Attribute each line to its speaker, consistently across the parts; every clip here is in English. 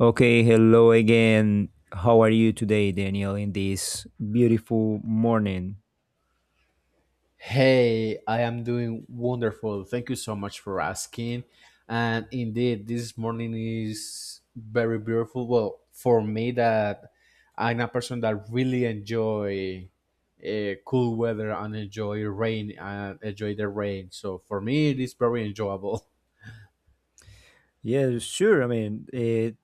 Speaker 1: Okay, hello again. How are you today, Daniel, in this beautiful morning?
Speaker 2: Hey, I am doing wonderful. Thank you so much for asking. And indeed, this morning is very beautiful. Well, for me, that I'm a person that really enjoy cool weather and enjoy the rain. So for me, it is very enjoyable.
Speaker 1: Yeah, sure.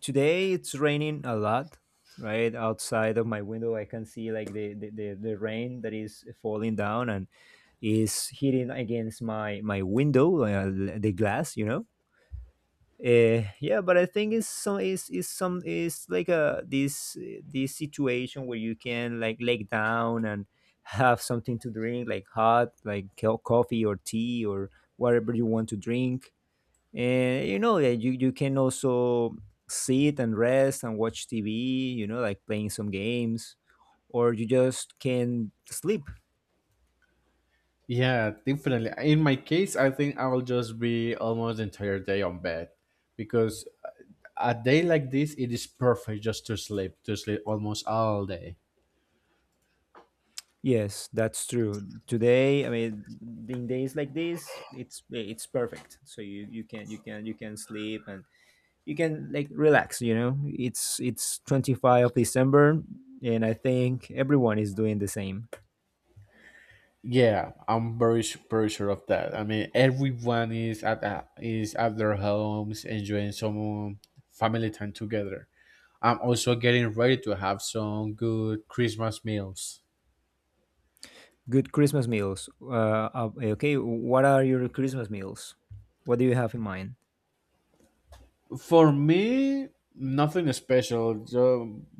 Speaker 1: today it's raining a lot, right? Outside of my window, I can see like the rain that is falling down and is hitting against my window, the glass, you know? Yeah, but I think it's like a this this situation where you can like lay down and have something to drink like hot like coffee or tea or whatever you want to drink, and you know that you can also sit and rest and watch tv, you know, like playing some games or you just can sleep.
Speaker 2: Yeah, definitely. In my case, I think I will just be almost the entire day on bed because a day like this, it is perfect just to sleep almost all day.
Speaker 1: Yes, that's true. Today, I mean, in days like this, it's perfect. So you can sleep and you can like relax. You know, it's 25 of December, and I think everyone is doing the same.
Speaker 2: Yeah, I'm very sure of that. I mean, everyone is at their homes enjoying some family time together. I'm also getting ready to have some good Christmas meals.
Speaker 1: Good Christmas meals. Okay, what are your Christmas meals? What do you have in mind?
Speaker 2: For me, nothing special. So,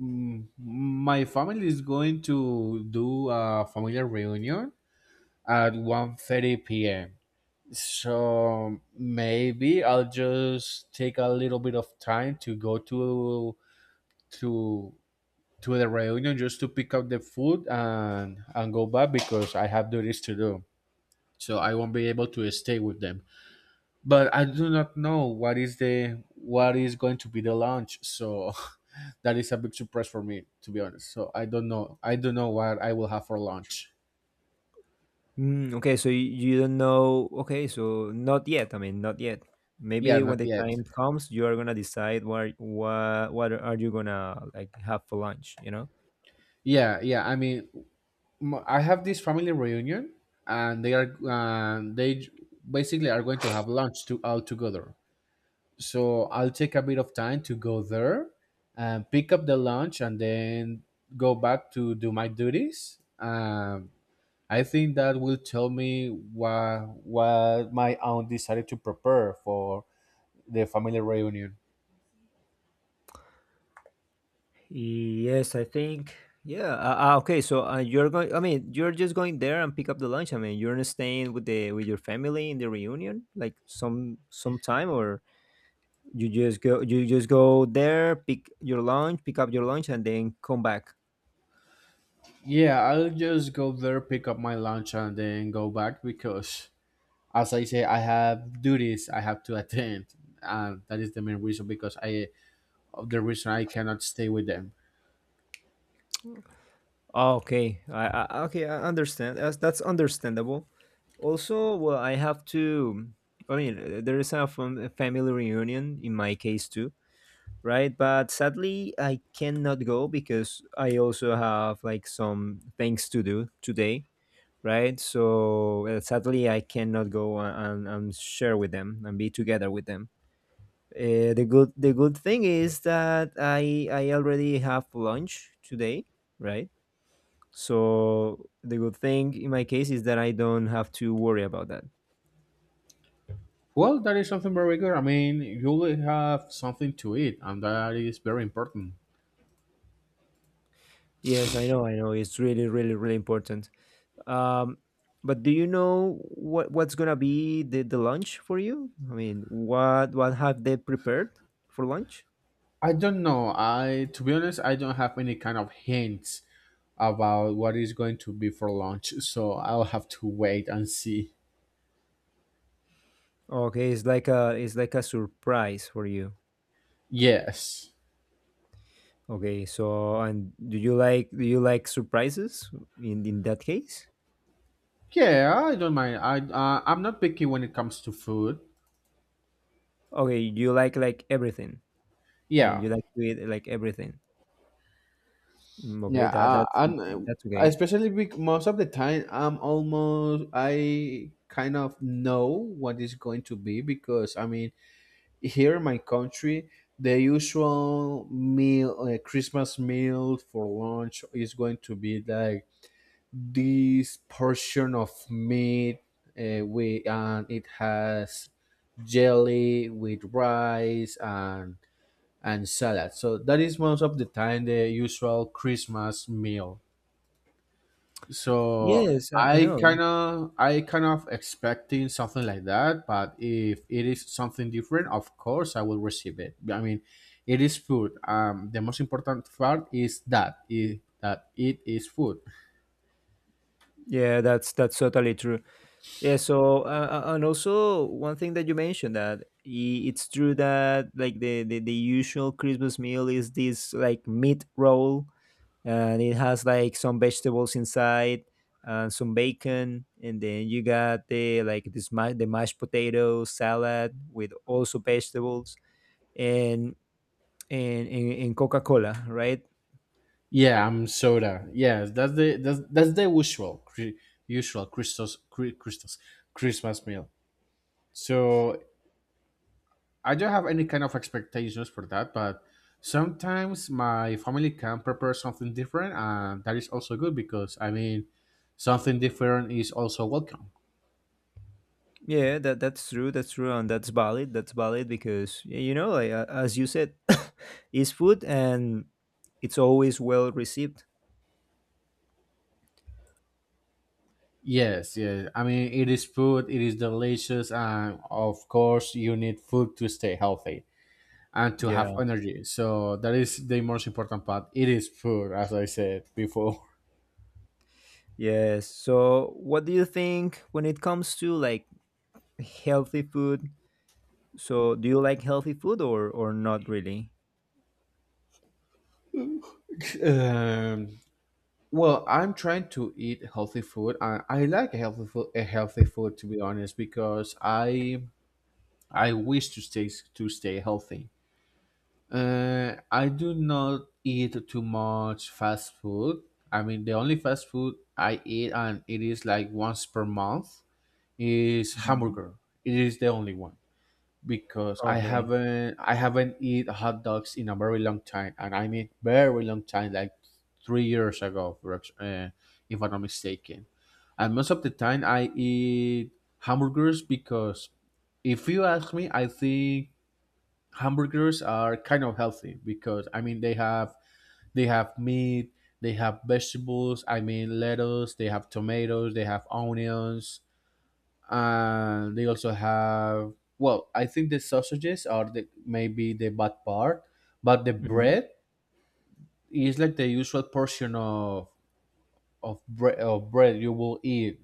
Speaker 2: my family is going to do a family reunion at 1:30 p.m. So maybe I'll just take a little bit of time to go to to the reunion just to pick up the food and go back because I have duties to do. So I won't be able to stay with them. But I do not know what is going to be the launch. So that is a big surprise for me, to be honest. So I don't know. I don't know what I will have for lunch.
Speaker 1: Mm, okay, so you don't know. Okay, so not yet. I mean, not yet.
Speaker 2: Yeah,
Speaker 1: Maybe when
Speaker 2: not
Speaker 1: the
Speaker 2: yet.
Speaker 1: time comes, you are gonna decide what are you gonna like have for lunch? You know.
Speaker 2: Yeah, yeah. I mean, I have this family reunion, and they are basically are going to have lunch to all together. So I'll take a bit of time to go there and pick up the lunch and then go back to do my duties. I think that will tell me what my aunt decided to prepare for the family reunion.
Speaker 1: Yes, I think. Yeah. Okay. So you're going. I mean, you're just going there and pick up the lunch. I mean, you're not staying with the with your family in the reunion, like some time, or you just go. You just go there, pick up your lunch, and then come back.
Speaker 2: Yeah, I'll just go there, pick up my lunch, and then go back because, as I say, I have duties. I have to attend, and that is the main reason, because I of the reason I cannot stay with them.
Speaker 1: Okay. I okay. I understand. That's understandable. Also, well, I have to. I mean, there is a a family reunion in my case too, right? But sadly, I cannot go because I also have like some things to do today, right? So sadly, I cannot go and share with them and be together with them. The good the good thing is that I already have lunch today, right? So the good thing in my case is that I don't have to worry about that.
Speaker 2: Well, that is something very good. I mean, you'll have something to eat, and that is very important.
Speaker 1: Yes, I know, I know. It's really, really, really important. Um, but do you know what what's gonna be the lunch for you? I mean, what have they prepared for lunch?
Speaker 2: I don't know. I, to be honest, I don't have any kind of hints about what is going to be for lunch, so I'll have to wait and see.
Speaker 1: Okay, it's like a surprise for you.
Speaker 2: Yes.
Speaker 1: Okay, so and do you like surprises in that case?
Speaker 2: Yeah, I don't mind. I'm not picky when it comes to food.
Speaker 1: Okay, you like everything. I mean,
Speaker 2: Yeah.
Speaker 1: you like to eat like everything. Mm, okay,
Speaker 2: Yeah,
Speaker 1: that that's
Speaker 2: and
Speaker 1: that's okay.
Speaker 2: especially bec most of the time, I kind of know what is going to be because, I mean, here in my country, the usual meal Christmas meal for lunch is going to be like this portion of meat, we and it has jelly with rice and salad. So that is most of the time the usual Christmas meal. So
Speaker 1: Yes, I
Speaker 2: I
Speaker 1: know.
Speaker 2: kind of I kind of expecting something like that, but if it is something different, of course I will receive it. I mean, it is food. The most important part is that it is food.
Speaker 1: Yeah, that's totally true. Yeah, so and also one thing that you mentioned that it's true that like the usual Christmas meal is this like meat roll, and it has like some vegetables inside and some bacon, and then you got the like this the mashed potato salad with also vegetables and and Coca-Cola, right?
Speaker 2: Yeah, I'm soda. Yes, that's the usual cri- usual Christos cri- Christos Christmas meal. So I don't have any kind of expectations for that, but sometimes my family can prepare something different, and that is also good because, I mean, something different is also welcome.
Speaker 1: Yeah, that that's true. That's true, and that's valid. That's valid because you know, like, as you said, it's food and it's always well received.
Speaker 2: Yes, yes. I mean, it is food, it is delicious, and of course, you need food to stay healthy and to have
Speaker 1: Yeah.
Speaker 2: energy. So that is the most important part. It is food, as I said before.
Speaker 1: Yes. So, what do you think when it comes to like healthy food? So, do you like healthy food or not really?
Speaker 2: Um, Well, I'm trying to eat healthy food. I like a healthy food, to be honest, because I wish to stay healthy. I do not eat too much fast food. I mean, the only fast food I eat, and it is like once per month, is
Speaker 1: Mhm.
Speaker 2: hamburger. It is the only one because I
Speaker 1: Okay.
Speaker 2: haven't I haven't eat hot dogs in a very long time, and I mean very long time, like 3 years ago, if I'm not mistaken. And most of the time, I eat hamburgers because, if you ask me, I think hamburgers are kind of healthy because, I mean, they have meat, they have vegetables. I mean lettuce, they have tomatoes, they have onions, and they also have, well, I think the sausages are the, maybe, the bad part, but the
Speaker 1: Mhm.
Speaker 2: bread is like the usual portion of bread you will eat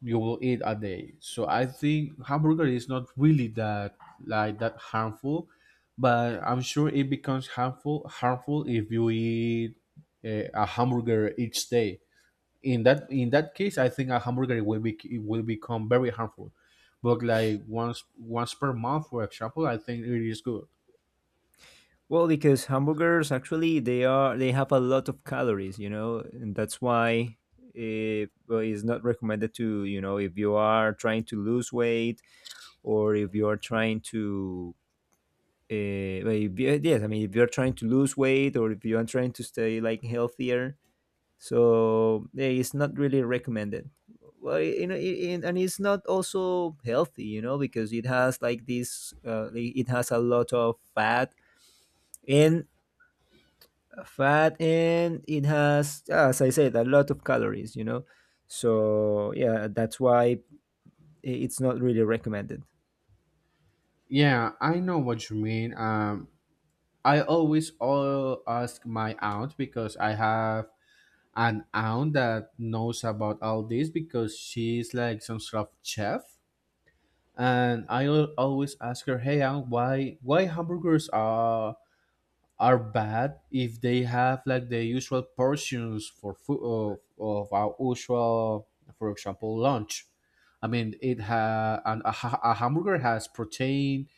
Speaker 2: you will eat a day. So I think hamburger is not really that harmful, but I'm sure it becomes harmful if you eat a hamburger each day. In that case, I think a hamburger will be it will become very harmful. But like once per month, for example, I think it is good.
Speaker 1: Well, because hamburgers actually they have a lot of calories, you know, and that's why it well, it's not recommended to, you know, if you are trying to lose weight or if you are trying to well, if you- yes, I mean if you're trying to lose weight or if you are trying to stay like healthier, so yeah, it's not really recommended. Well, you know, and it's not also healthy, you know, because it has like this, it has a lot of fat and fat, and it has, as I said, a lot of calories, you know. So yeah, that's why it's not really recommended.
Speaker 2: Yeah, I know what you mean. I always all ask my aunt because I have an aunt that knows about all this because she's like some sort of chef, and I always ask her, hey aunt, why hamburgers are bad if they have like the usual portions for food of our usual, for example, lunch. I mean it ha an, a, ha- a hamburger has protein,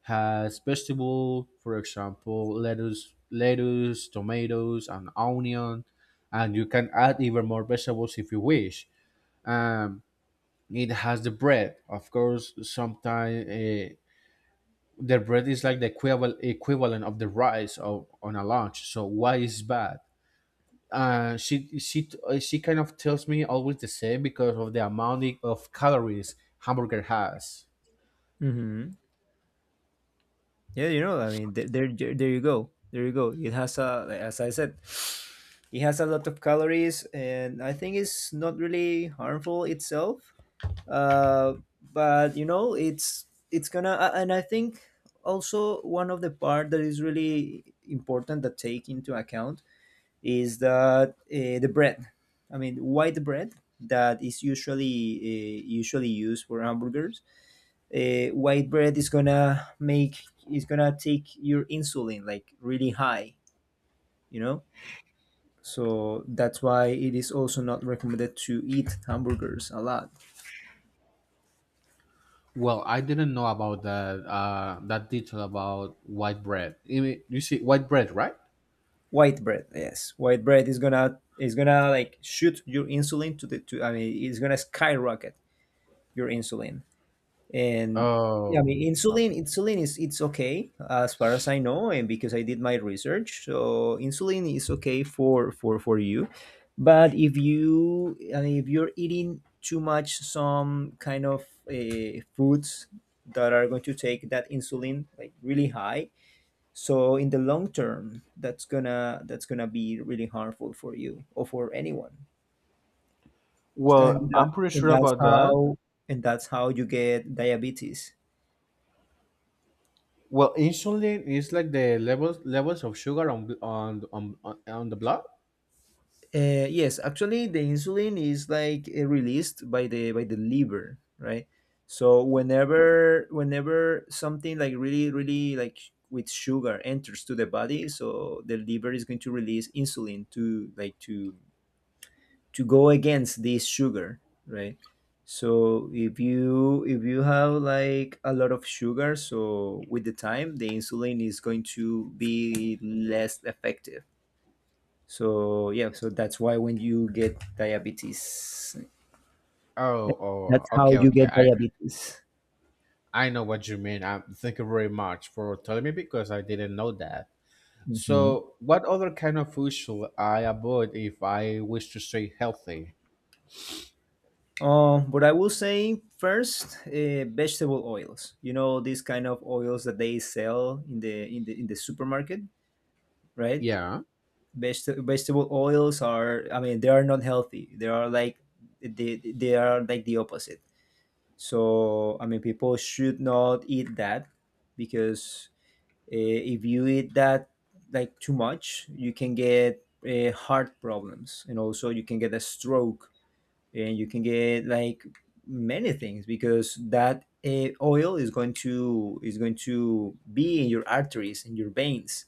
Speaker 2: has vegetable, for example, lettuce tomatoes and onion, and you can add even more vegetables if you wish um it has the bread, of course, sometimes, their bread is like the equivalent of the rice on a lunch. So why is bad? She kind of tells me always the same, because of the amount of calories hamburger has.
Speaker 1: Hmm. Yeah, you know, I mean, there you go, there you go. It has a, like, as I said, it has a lot of calories, and I think it's not really harmful itself. Uh, but you know, it's and I think also one of the part that is really important that take into account is that the bread. I mean, white bread that is usually usually used for hamburgers. White bread is gonna make is gonna take your insulin like really high, you know. So that's why it is also not recommended to eat hamburgers a lot.
Speaker 2: Well, I didn't know about that detail about white bread. I mean, you see, white bread, right?
Speaker 1: White bread, yes, white bread is gonna like shoot your insulin to the to I mean it's gonna skyrocket your insulin, and yeah, I
Speaker 2: Oh,
Speaker 1: mean, insulin is, it's okay as far as I know, and because I did my research, so insulin is okay for for you. But if you I mean, if you're eating too much some kind of foods that are going to take that insulin like really high, so in the long term that's gonna be really harmful for you or for anyone. and,
Speaker 2: well,
Speaker 1: that,
Speaker 2: I'm pretty
Speaker 1: and
Speaker 2: sure
Speaker 1: that's
Speaker 2: about that.
Speaker 1: how and that's how you get diabetes.
Speaker 2: Well, insulin is like the levels of sugar on bl- on the blood.
Speaker 1: Yes, actually, the insulin is like released by the liver, right? So whenever something like really really like with sugar enters to the body, so the liver is going to release insulin to to go against this sugar, right? So if you have like a lot of sugar, so with the time the insulin is going to be less effective. So yeah, so that's why when you get diabetes,
Speaker 2: Oh,
Speaker 1: that's
Speaker 2: oh,
Speaker 1: how
Speaker 2: okay,
Speaker 1: you
Speaker 2: okay.
Speaker 1: get
Speaker 2: I,
Speaker 1: diabetes.
Speaker 2: I know what you mean. Thank you very much for telling me because I didn't know that.
Speaker 1: Hmm.
Speaker 2: So, what other kind of food should I avoid if I wish to stay healthy?
Speaker 1: But I will say first, vegetable oils. You know, these kind of oils that they sell in the in the in the supermarket, right?
Speaker 2: Yeah,
Speaker 1: Vegetable oils are, I mean, they are not healthy. They are like they are like the opposite. So I mean, people should not eat that because, Uh, if you eat that like too much, you can get heart problems, and also you can get a stroke, and you can get like many things, because that oil is going to be in your arteries and your veins,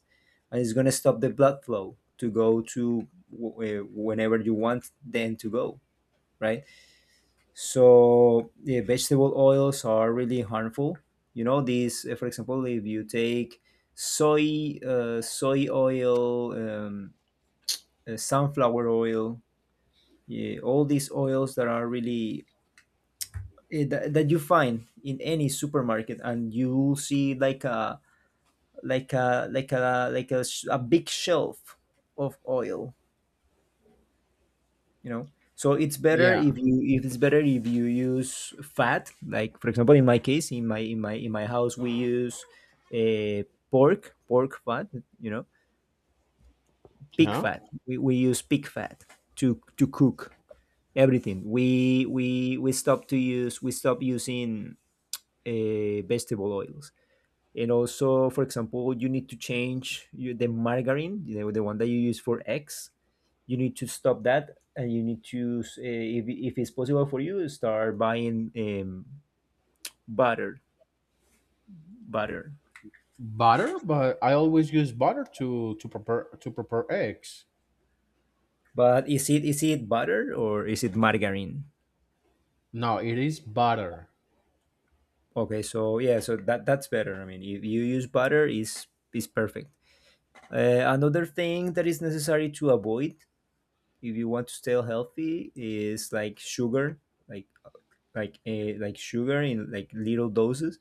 Speaker 1: and it's going to stop the blood flow to go to whenever you want them to go, right? So the vegetable oils are really harmful. You know, these, for example, if you take soy, soy oil, sunflower oil, yeah, all these oils that are really that you find in any supermarket, and you see like a a big shelf of oil, you know. So
Speaker 2: yeah,
Speaker 1: it's better if you use fat, like for example in my case, in my house we use uh, pork fat, you know, pig
Speaker 2: yeah.
Speaker 1: fat. We use pig fat to cook everything. We stop to use we stop using vegetable oils. And also, for example, you need to change the margarine, you know, the one that you use for eggs. You need to stop that and you need to, if it's possible for you, start buying butter. Butter.
Speaker 2: Butter, but I always use butter to prepare eggs.
Speaker 1: But is it butter or is it margarine?
Speaker 2: No, it is butter.
Speaker 1: Okay, so yeah, so that that's better. I mean, if you use butter, is perfect. Another thing that is necessary to avoid if you want to stay healthy is like sugar, like sugar in like little doses.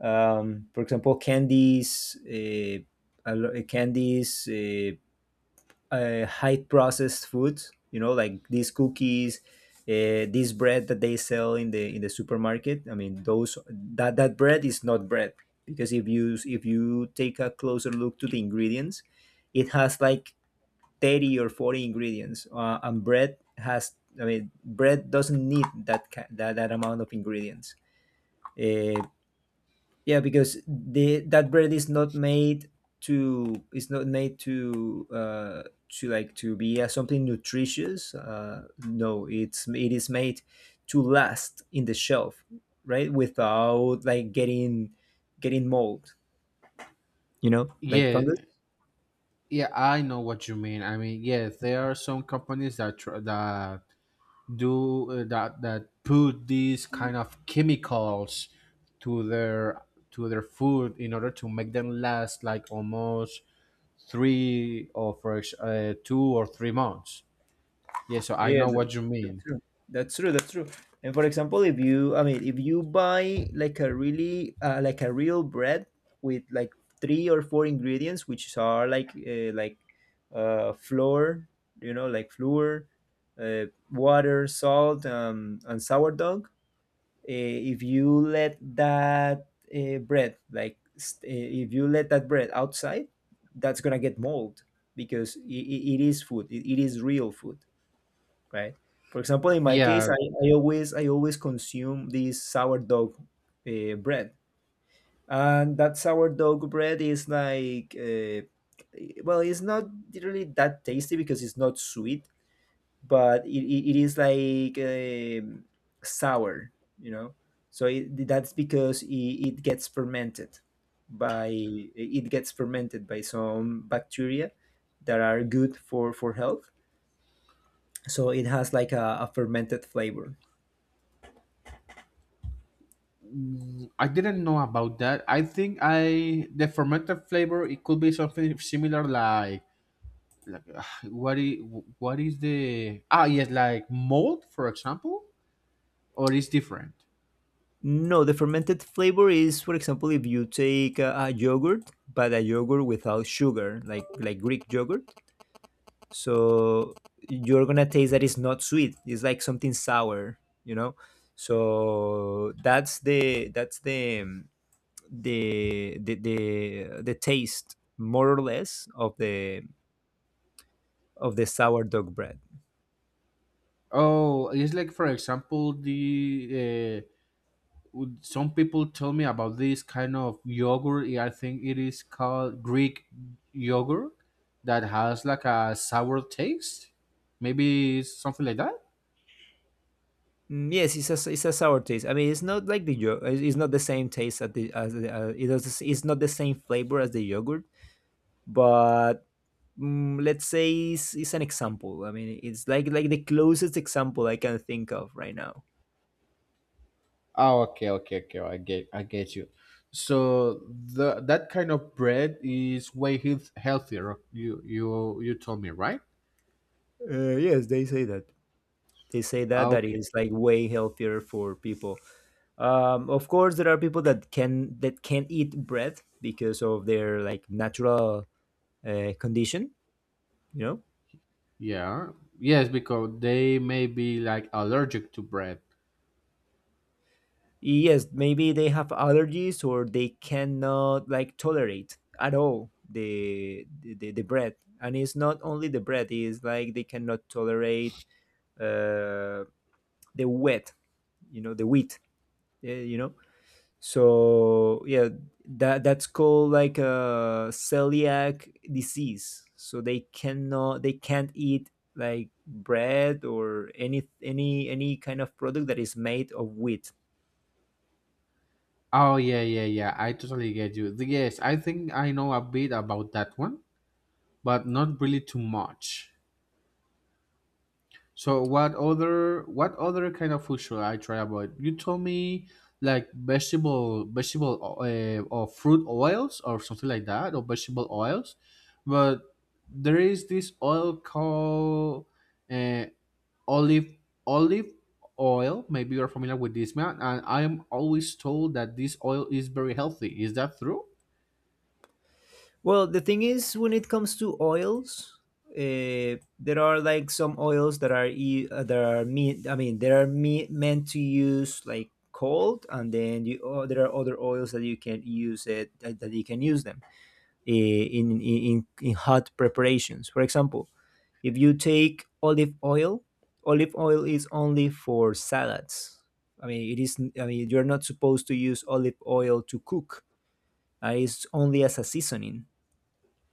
Speaker 1: For example, candies, a candies, high processed foods. You know, like these cookies, this bread that they sell in the supermarket. I mean, those that bread is not bread, because if you take a closer look to the ingredients, it has like 30 or 40 ingredients, and bread has, I mean, bread doesn't need that, that amount of ingredients. Uh, yeah, because the that bread is not made to, it's not made to be something nutritious. Uh, no, it's it is made to last in the shelf, right? Without like getting, getting mold, you know, like
Speaker 2: Yeah,
Speaker 1: fungus.
Speaker 2: yeah. I know what you mean. I mean, yes, there are some companies that tr- that do that that put these kind of chemicals to their to their food in order to make them last like almost three or for ex- 2 or 3 months. Yeah, so I
Speaker 1: Yeah,
Speaker 2: know what you
Speaker 1: that's
Speaker 2: mean.
Speaker 1: true. That's true. That's true. And for example, if you, I mean, if you buy like a really, like a real bread with like three or four ingredients, which are like, flour, you know, like flour, uh, water, salt, and sourdough. If you let that bread, like, if you let that bread outside, that's gonna get mold, because it is food. It is real food, right? For example, in my case,
Speaker 2: Yeah,
Speaker 1: I always consume this sourdough bread, and that sourdough bread is like well, it's not really that tasty because it's not sweet, but it is like sour, you know. That's because it gets fermented by it gets fermented by some bacteria that are good for health, so it has like a fermented flavor.
Speaker 2: I didn't know about that. I think i the fermented flavor, it could be something similar like, what is what is the, yes, like mold, for example. Or is different?
Speaker 1: No, the fermented flavor is, for example, if you take a yogurt, but a yogurt without sugar, like Greek yogurt. So you're gonna taste that it's not sweet. It's like something sour, you know. So that's the the taste more or less of the sourdough bread.
Speaker 2: Oh, it's like, for example, some people tell me about this kind of yogurt. I think it is called Greek yogurt that has like a sour taste. Maybe it's something like that.
Speaker 1: Mm, yes, it's a sour taste. I mean, it's not like the yogurt. It's not the same taste as the, it does. It's not the same flavor as the yogurt, but let's say it's an example. I mean, it's like the closest example I can think of right now.
Speaker 2: Oh, okay, okay, okay. I get you. So the that kind of bread is way healthier. You told me, right?
Speaker 1: Yes, they say that. They say that that
Speaker 2: Okay.
Speaker 1: is like way healthier for people. Of course, there are people that can eat bread because of their like natural condition, you know.
Speaker 2: Yeah. Yes, because they may be like allergic to bread.
Speaker 1: Yes, maybe they have allergies or they cannot like tolerate at all the bread. And it's not only the bread, it's like they cannot tolerate uh, the wet, you know, the wheat, you know. So yeah, that's called like a celiac disease. So they can't eat like bread or any kind of product that is made of wheat.
Speaker 2: Oh, yeah, yeah, yeah. I totally get you. Yes, I think I know a bit about that one, but not really too much. So what other kind of food should I try about? You told me like vegetable or fruit oils or something like that, or vegetable oils, but there is this oil called, uh, olive olive oil. Maybe you're familiar with this man, and I am always told that this oil is very healthy. Is that true?
Speaker 1: Well, the thing is, when it comes to oils, there are like some oils that are I mean, there are meant to use like cold, and then there are other oils that you can use them in, hot preparations. For example, if you take olive oil is only for salads. I mean, it is. I mean, you're not supposed to use olive oil to cook. It's only as a seasoning,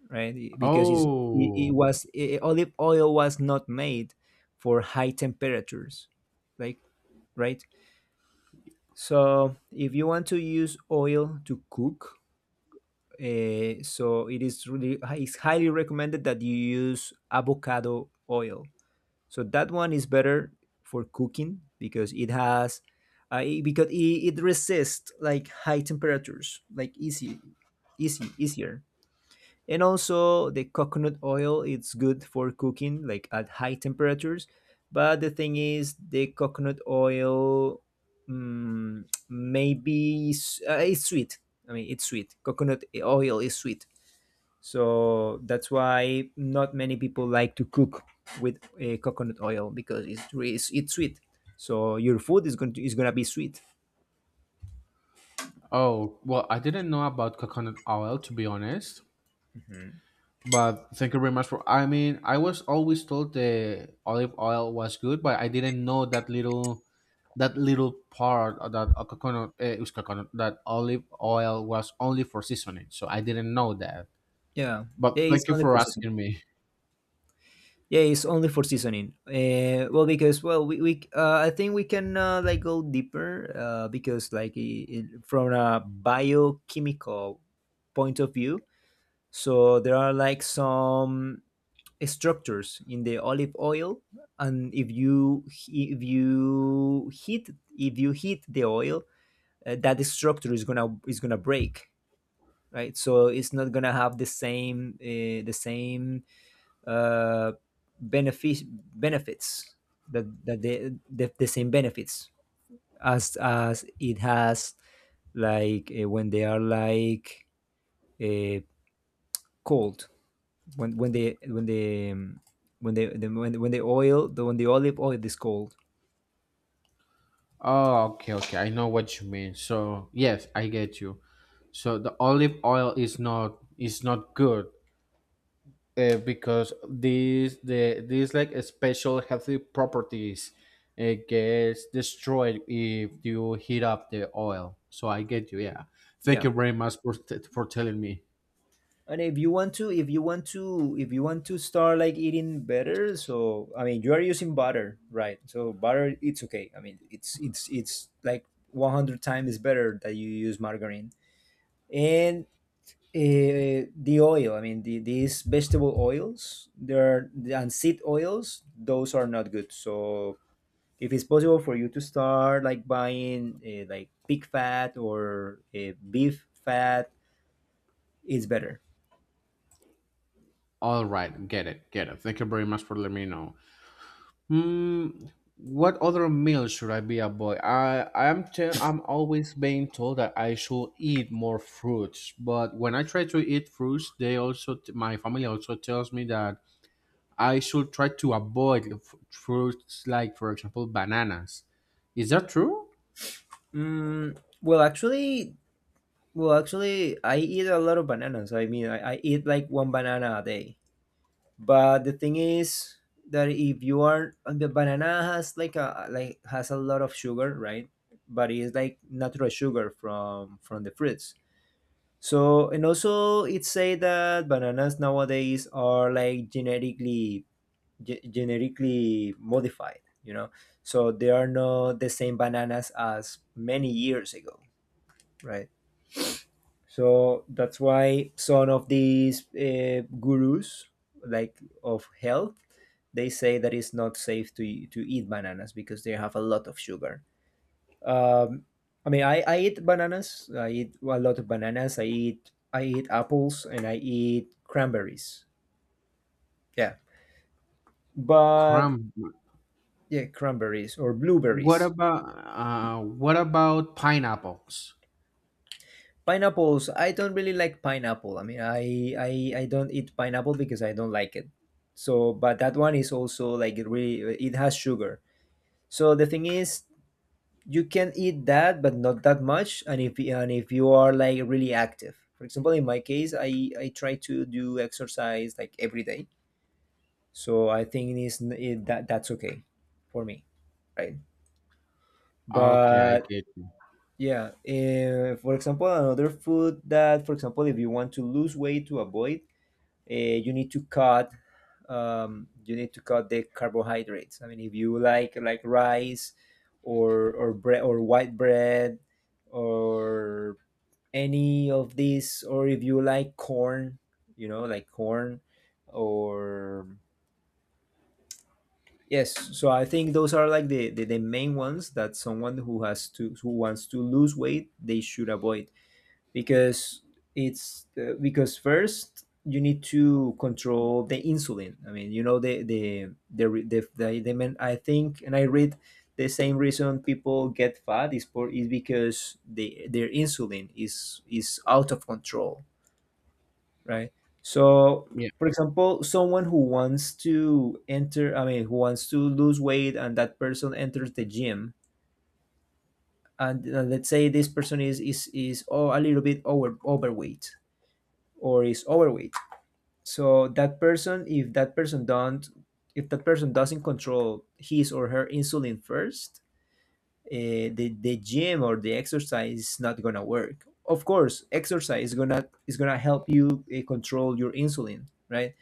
Speaker 1: right? Because it's, it
Speaker 2: Oh,
Speaker 1: was I Olive oil was not made for high temperatures, like, right. So if you want to use oil to cook, so it is really it's highly recommended that you use avocado oil. So that one is better for cooking because it has. Because it resists like high temperatures like easy easy easier. And also, the coconut oil it's good for cooking like at high temperatures. But the thing is, the coconut oil, it's sweet. I mean, it's sweet. Coconut oil is sweet, so that's why not many people like to cook with coconut oil because it's sweet. So your food is going to is gonna be sweet.
Speaker 2: oh, well, I didn't know about coconut oil, to be honest.
Speaker 1: Mhm.
Speaker 2: But thank you very much for. I mean, I was always told the olive oil was good, but I didn't know that little, part of that coconut, it was coconut, that olive oil was only for seasoning. So I didn't know that.
Speaker 1: Yeah,
Speaker 2: But
Speaker 1: it's
Speaker 2: thank you
Speaker 1: only
Speaker 2: for
Speaker 1: for season.
Speaker 2: asking me.
Speaker 1: Yeah, it's only for seasoning. Well, because well, we I think we can like go deeper because like I from a biochemical point of view, so there are like some structures in the olive oil, and if you heat the oil, that structure is gonna break, right? So it's not gonna have the same uh, benefit benefits that that the same benefits as it has like when they are like uh, cold, when they when they when they the, when the oil the when the olive oil is cold.
Speaker 2: Oh, okay, okay. I know what you mean. So yes, I get you. So the olive oil is not good, because these like special healthy properties, it gets destroyed if you heat up the oil. So I get you. Yeah. Thank
Speaker 1: Yeah.
Speaker 2: you very much for telling me.
Speaker 1: And if you want to, if you want to start like eating better, so I mean, you are using butter, right? So butter, it's okay. I mean, it's like 100 times better that you use margarine, and the oil. I mean, these vegetable oils, there and seed oils, those are not good. So if it's possible for you to start like buying like pig fat or beef fat, it's better.
Speaker 2: All right, get it, get it. Thank you very much for letting me know. Hmm. What other meal should I be avoid? I'm always being told that I should eat more fruits, but when I try to eat fruits, my family also tells me that I should try to avoid fruits like, for example, bananas. Is that true?
Speaker 1: Mm, well, actually, Well, actually, I eat a lot of bananas. I mean, I eat like one banana a day. But the thing is that if you are the banana has like a like has a lot of sugar, right? But it's like natural sugar from the fruits. So and also it say that bananas nowadays are like genetically modified. You know, so they are not the same bananas as many years ago, right? So that's why some of these gurus, like of health, they say that it's not safe to eat bananas because they have a lot of sugar. Um, I mean, I eat bananas. I eat a lot of bananas. I eat apples and I eat cranberries. Yeah, but
Speaker 2: Cram.
Speaker 1: yeah, cranberries or
Speaker 2: What
Speaker 1: blueberries.
Speaker 2: about uh, what about pineapples?
Speaker 1: Pineapples. I don't really like pineapple. I don't eat pineapple because I don't like it. So, but that one is also like it has sugar. So the thing is, you can eat that, but not that much. And if you are like really active, for example, in my case, I try to do exercise like every day. So I think that that's okay for me, right?
Speaker 2: Okay, I
Speaker 1: But
Speaker 2: get you.
Speaker 1: yeah, for example, another food that, for example, if you want to lose weight to avoid, uh, you need to cut you need to cut the carbohydrates. I mean, if you like rice or bread or white bread or any of these, or if you like corn, you know, like corn or yes. So I think those are like the main ones that someone who has to who wants to lose weight they should avoid because it's because first you need to control the insulin. I mean, you know the re- the men, I think, and I read the same reason people get fat is for is because they their insulin is out of control, right? So,
Speaker 2: Yeah,
Speaker 1: for example, someone who wants to enter, I mean, who wants to lose weight, and that person enters the gym, and let's say this person is, oh, a little bit overweight or is overweight, so that person if that person doesn't control his or her insulin first the gym or the exercise is not gonna work. Of course exercise is gonna help you control your insulin, right?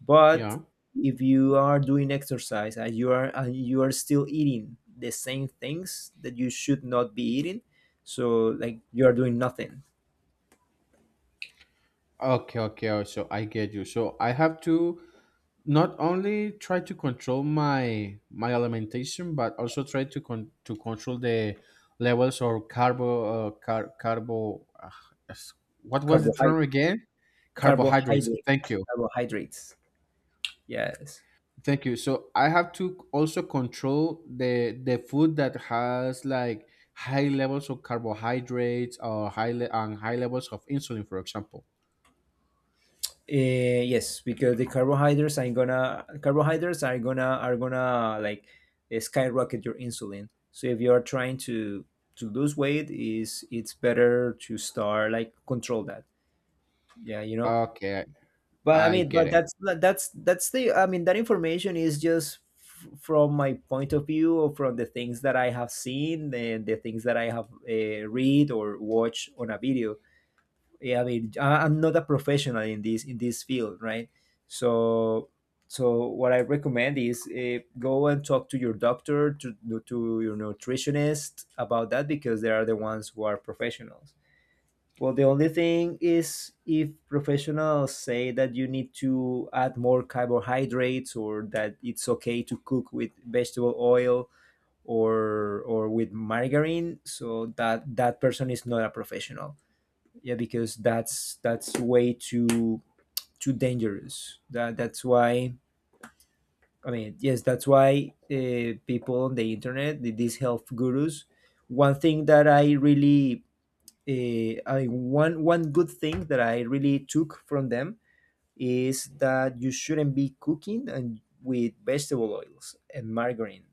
Speaker 1: But
Speaker 2: yeah.
Speaker 1: if you are doing exercise and you are still eating the same things that you should not be eating, so like you are doing nothing.
Speaker 2: Okay, okay. Oh, so I get you. So I have to not only try to control my alimentation, but also try to control the levels of carbo car- carbo. S- what was the
Speaker 1: carbohydrate
Speaker 2: term again? Carbohydrates.
Speaker 1: carbohydrate
Speaker 2: Thank you.
Speaker 1: Carbohydrates. Yes.
Speaker 2: Thank you. So I have to also control the food that has like high levels of carbohydrates, or high le- and high levels of insulin, for example.
Speaker 1: Yes, because the carbohydrates are gonna carbohydrates are gonna like skyrocket your insulin. So if you are trying to lose weight, is it's better to start like control that. Yeah, you know.
Speaker 2: Okay,
Speaker 1: But I
Speaker 2: I
Speaker 1: mean,
Speaker 2: get
Speaker 1: but
Speaker 2: it.
Speaker 1: that's the, I mean, that information is just from my point of view or from the things that I have seen and the things that I have read or watched on a video. Yeah, I mean, I- I'm not a professional in this field, right? So, so what I recommend is go and talk to your doctor, to your nutritionist about that because they are the ones who are professionals. Well, the only thing is if professionals say that you need to add more carbohydrates or that it's okay to cook with vegetable oil or with margarine, so that person is not a professional. Yeah, because that's way too too dangerous. That that's why, I mean, yes, that's why people on the internet, these health gurus, one thing that I really I one good thing that I really took from them is that you shouldn't be cooking and with vegetable oils and margarine,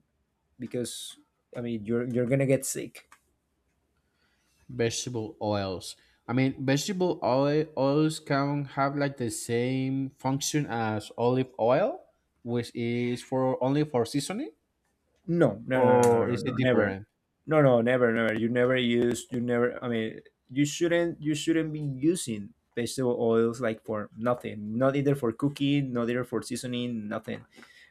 Speaker 1: because I mean you're gonna get sick.
Speaker 2: Vegetable oils. I mean, vegetable oils can have like the same function as olive oil, which is for only for seasoning,
Speaker 1: No, no, no, no, no,
Speaker 2: or
Speaker 1: no,
Speaker 2: is
Speaker 1: no,
Speaker 2: it
Speaker 1: never.
Speaker 2: different?
Speaker 1: No, no, never, never. You never use, you never, I mean, you shouldn't be using vegetable oils like for nothing, not either for cooking, not either for seasoning, nothing.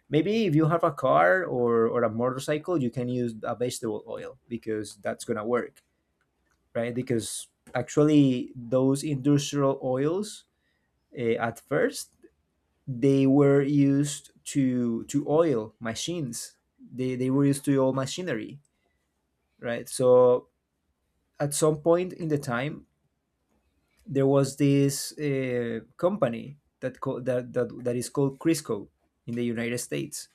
Speaker 1: Maybe if you have a car or a motorcycle, you can use a vegetable oil because that's gonna work, right? Because actually those industrial oils at first, they were used to oil machines. They were used to oil machinery, right? So at some point in the time, there was this company that, that is called Crisco in the United States,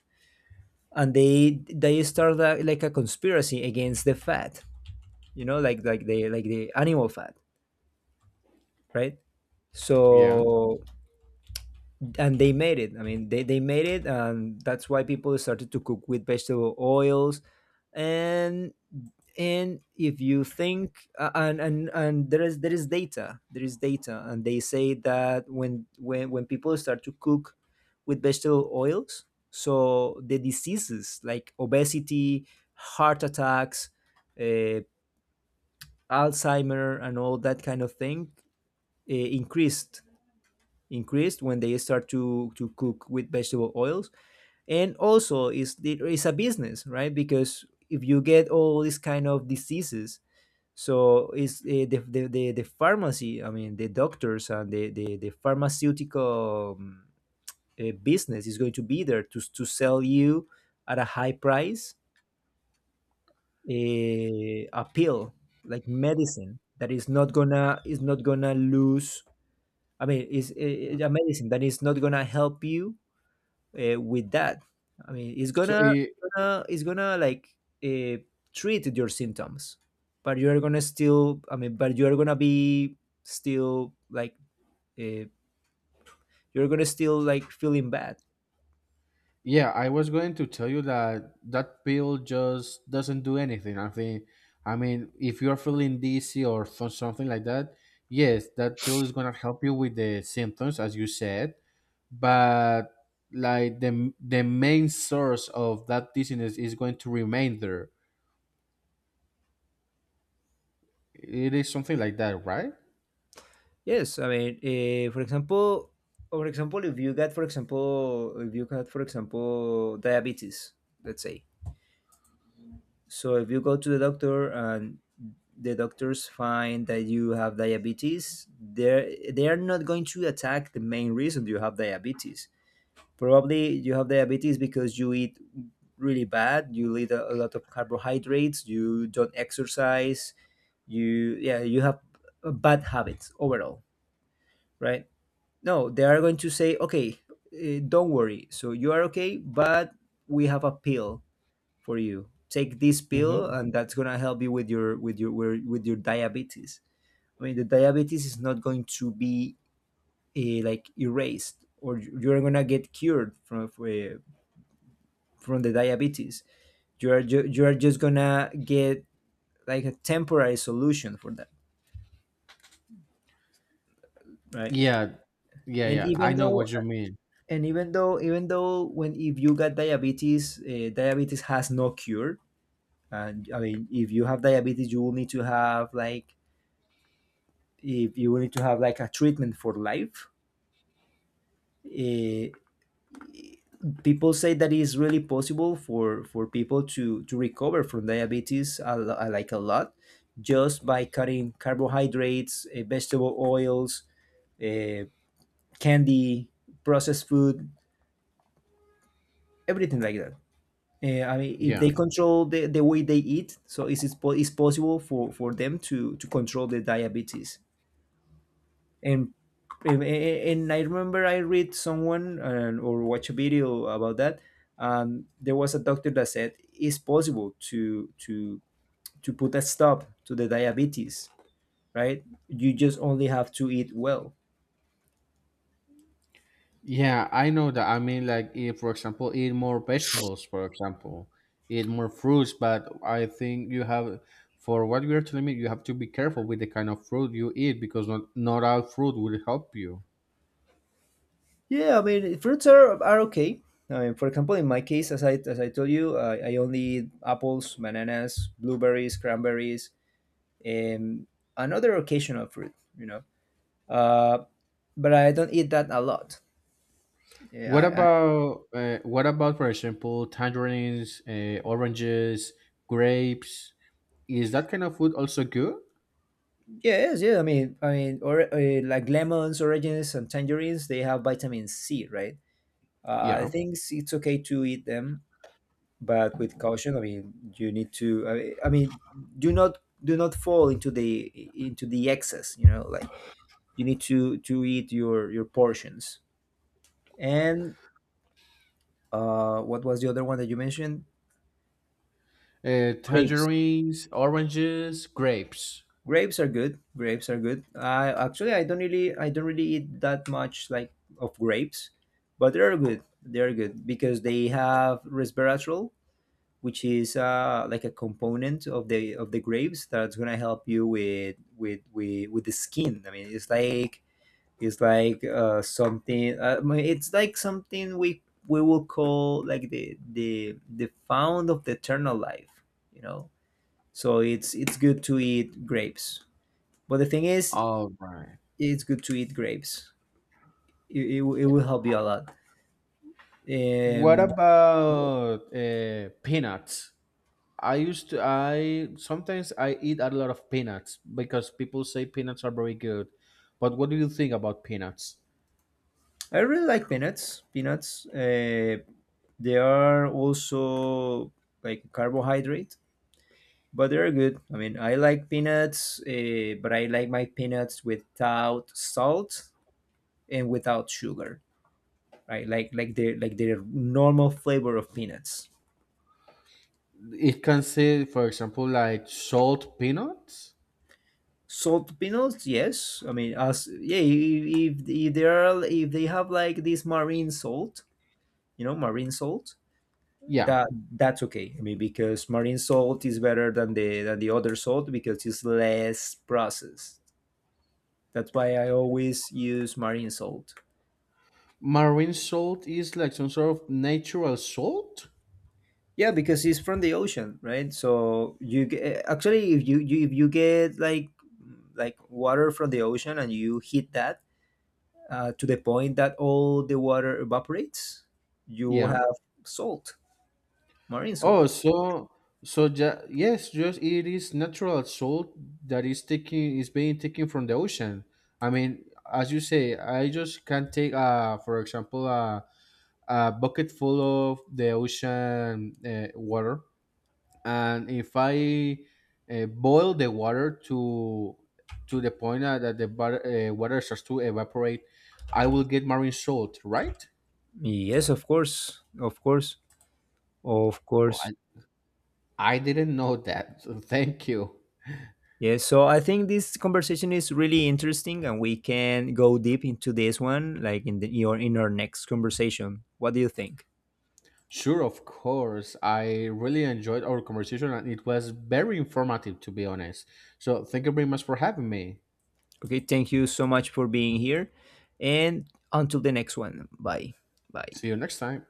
Speaker 1: and they started a, like a conspiracy against the fat, you know, like the animal fat, right?
Speaker 2: Yeah.
Speaker 1: So and they made it, I mean they made it, and that's why people started to cook with vegetable oils. and and if you think and there is data, and they say that when people start to cook with vegetable oils, so the diseases like obesity, heart attacks, uh, alzheimer and all that kind of thing increased. Increased when they start to cook with vegetable oils. And also is it is a business, right? Because if you get all these kind of diseases, so is the, the, the pharmacy, I mean the doctors and the the pharmaceutical, business is going to be there to sell you at a high price a pill, like medicine that is not gonna lose. I mean is a medicine that is not gonna help you with that. I mean,
Speaker 2: So it,
Speaker 1: gonna it's gonna like uh, treat your symptoms, but you are gonna be still like, uh, you're gonna still like feeling bad.
Speaker 2: Yeah, I was going to tell you that pill just doesn't do anything. I think, I mean, if you're feeling dizzy or something like that, yes, that pill is gonna help you with the symptoms, as you said. But like the main source of that dizziness is going to remain there. It is something like that, right?
Speaker 1: Yes, I mean, for example, if you got, for example, if you got, for example, diabetes, let's say. So if you go to the doctor and the doctors find that you have diabetes, they are not going to attack the main reason you have diabetes. Probably you have diabetes because you eat really bad, you eat a lot of carbohydrates, you don't exercise, you, yeah, you have bad habits overall, right? No, they are going to say, okay, don't worry. So you are okay, but we have a pill for you. Take this pill,
Speaker 2: Hmm.
Speaker 1: and that's gonna help you with your with your diabetes. I mean, the diabetes is not going to be like erased, or you're gonna get cured from eh, from the diabetes. You are you are just gonna get like a temporary solution for that, right?
Speaker 2: Yeah, yeah,
Speaker 1: And
Speaker 2: yeah. I
Speaker 1: even
Speaker 2: know
Speaker 1: though
Speaker 2: what you mean.
Speaker 1: when if you got diabetes, diabetes has no cure. And I mean, if you have diabetes, you will need to have like, if you need to have like a treatment for life, eh, people say that it is really possible for people to recover from diabetes like a lot, just by cutting carbohydrates, eh, vegetable oils, uh, candy, processed food, everything like that. Eh, I mean if
Speaker 2: Yeah.
Speaker 1: they control the way they eat, so is it is possible for them to control the diabetes. And I remember I read someone, or watch a video about that. There was a doctor that said it's possible to put a stop to the diabetes, right? You just only have to eat well.
Speaker 2: Yeah, I know that. I mean, like, eat, for example, eat more vegetables, for example, eat more fruits. But I think you have, for what you're telling me, you have to be careful with the kind of fruit you eat, because not all fruit will help you.
Speaker 1: Yeah, I mean fruits are okay. I mean, for example, in my case, as I told you, I only eat apples, bananas, blueberries, cranberries, and another occasional fruit. You know, uh, but I don't eat that a lot.
Speaker 2: What
Speaker 1: Yeah, I,
Speaker 2: about, uh, what about, for example, tangerines, oranges, grapes? Is that kind of food also good?
Speaker 1: yeah, yes, yeah. Or like lemons, oranges, and tangerines, they have vitamin C, right? I
Speaker 2: Yeah.
Speaker 1: think it's okay to eat them, but with caution. I mean, you need to. I mean, do not fall into the excess. You know, like you need to eat your portions. And what was the other one that you mentioned? Grapes.
Speaker 2: Tangerines, oranges, grapes.
Speaker 1: Grapes are good. Grapes are good. I actually I don't really eat that much, like, of grapes, but they're good. They're good because they have resveratrol, which is like a component of the grapes that's gonna help you with with the skin. I mean, it's like, it's like something. I mean, it's like something we will call like the the found of the eternal life. You know, so it's good to eat grapes. But the thing is,
Speaker 2: All right.
Speaker 1: it's good to eat grapes. It will help you a lot.
Speaker 2: What
Speaker 1: Um,
Speaker 2: about peanuts? I used to I sometimes I eat a lot of peanuts because people say peanuts are very good. But what do you think about peanuts?
Speaker 1: I really like peanuts. Peanuts. They are also like carbohydrate, but they're good. I mean, I like peanuts, but I like my peanuts without salt and without sugar. Right, like the normal flavor of peanuts.
Speaker 2: It can say, for example, like salt peanuts.
Speaker 1: Salt peanuts, yes. I mean, as, yeah, if they are, if they have like this marine salt, you know, marine salt,
Speaker 2: Yeah,
Speaker 1: that that's okay. I mean because marine salt is better than the other salt because it's less processed. That's why I always use marine salt.
Speaker 2: marine salt is like some sort of natural salt.
Speaker 1: Yeah, because it's from the ocean, right? So you actually, if you, you, if you get like water from the ocean, and you heat that to the point that all the water evaporates, you will
Speaker 2: Yeah.
Speaker 1: have salt, marine
Speaker 2: Oh,
Speaker 1: salt.
Speaker 2: so so ja yes, just it is natural salt that is being taken from the ocean. I mean, as you say, I just can take for example a bucket full of the ocean water, and if I boil the water to the point that the water starts to evaporate, I will get marine salt, right?
Speaker 1: Yes, of course, of course, of
Speaker 2: Oh,
Speaker 1: course.
Speaker 2: I didn't know that. Thank you.
Speaker 1: Yeah, so I think this conversation is really interesting, and we can go deep into this one, like in the, your in our next conversation. What do you think?
Speaker 2: Sure, of course. I really enjoyed our conversation and it was very informative, to be honest. So, thank you very much for having me.
Speaker 1: Okay, thank you so much for being here, and until the next one. Bye, bye.
Speaker 2: See you next time.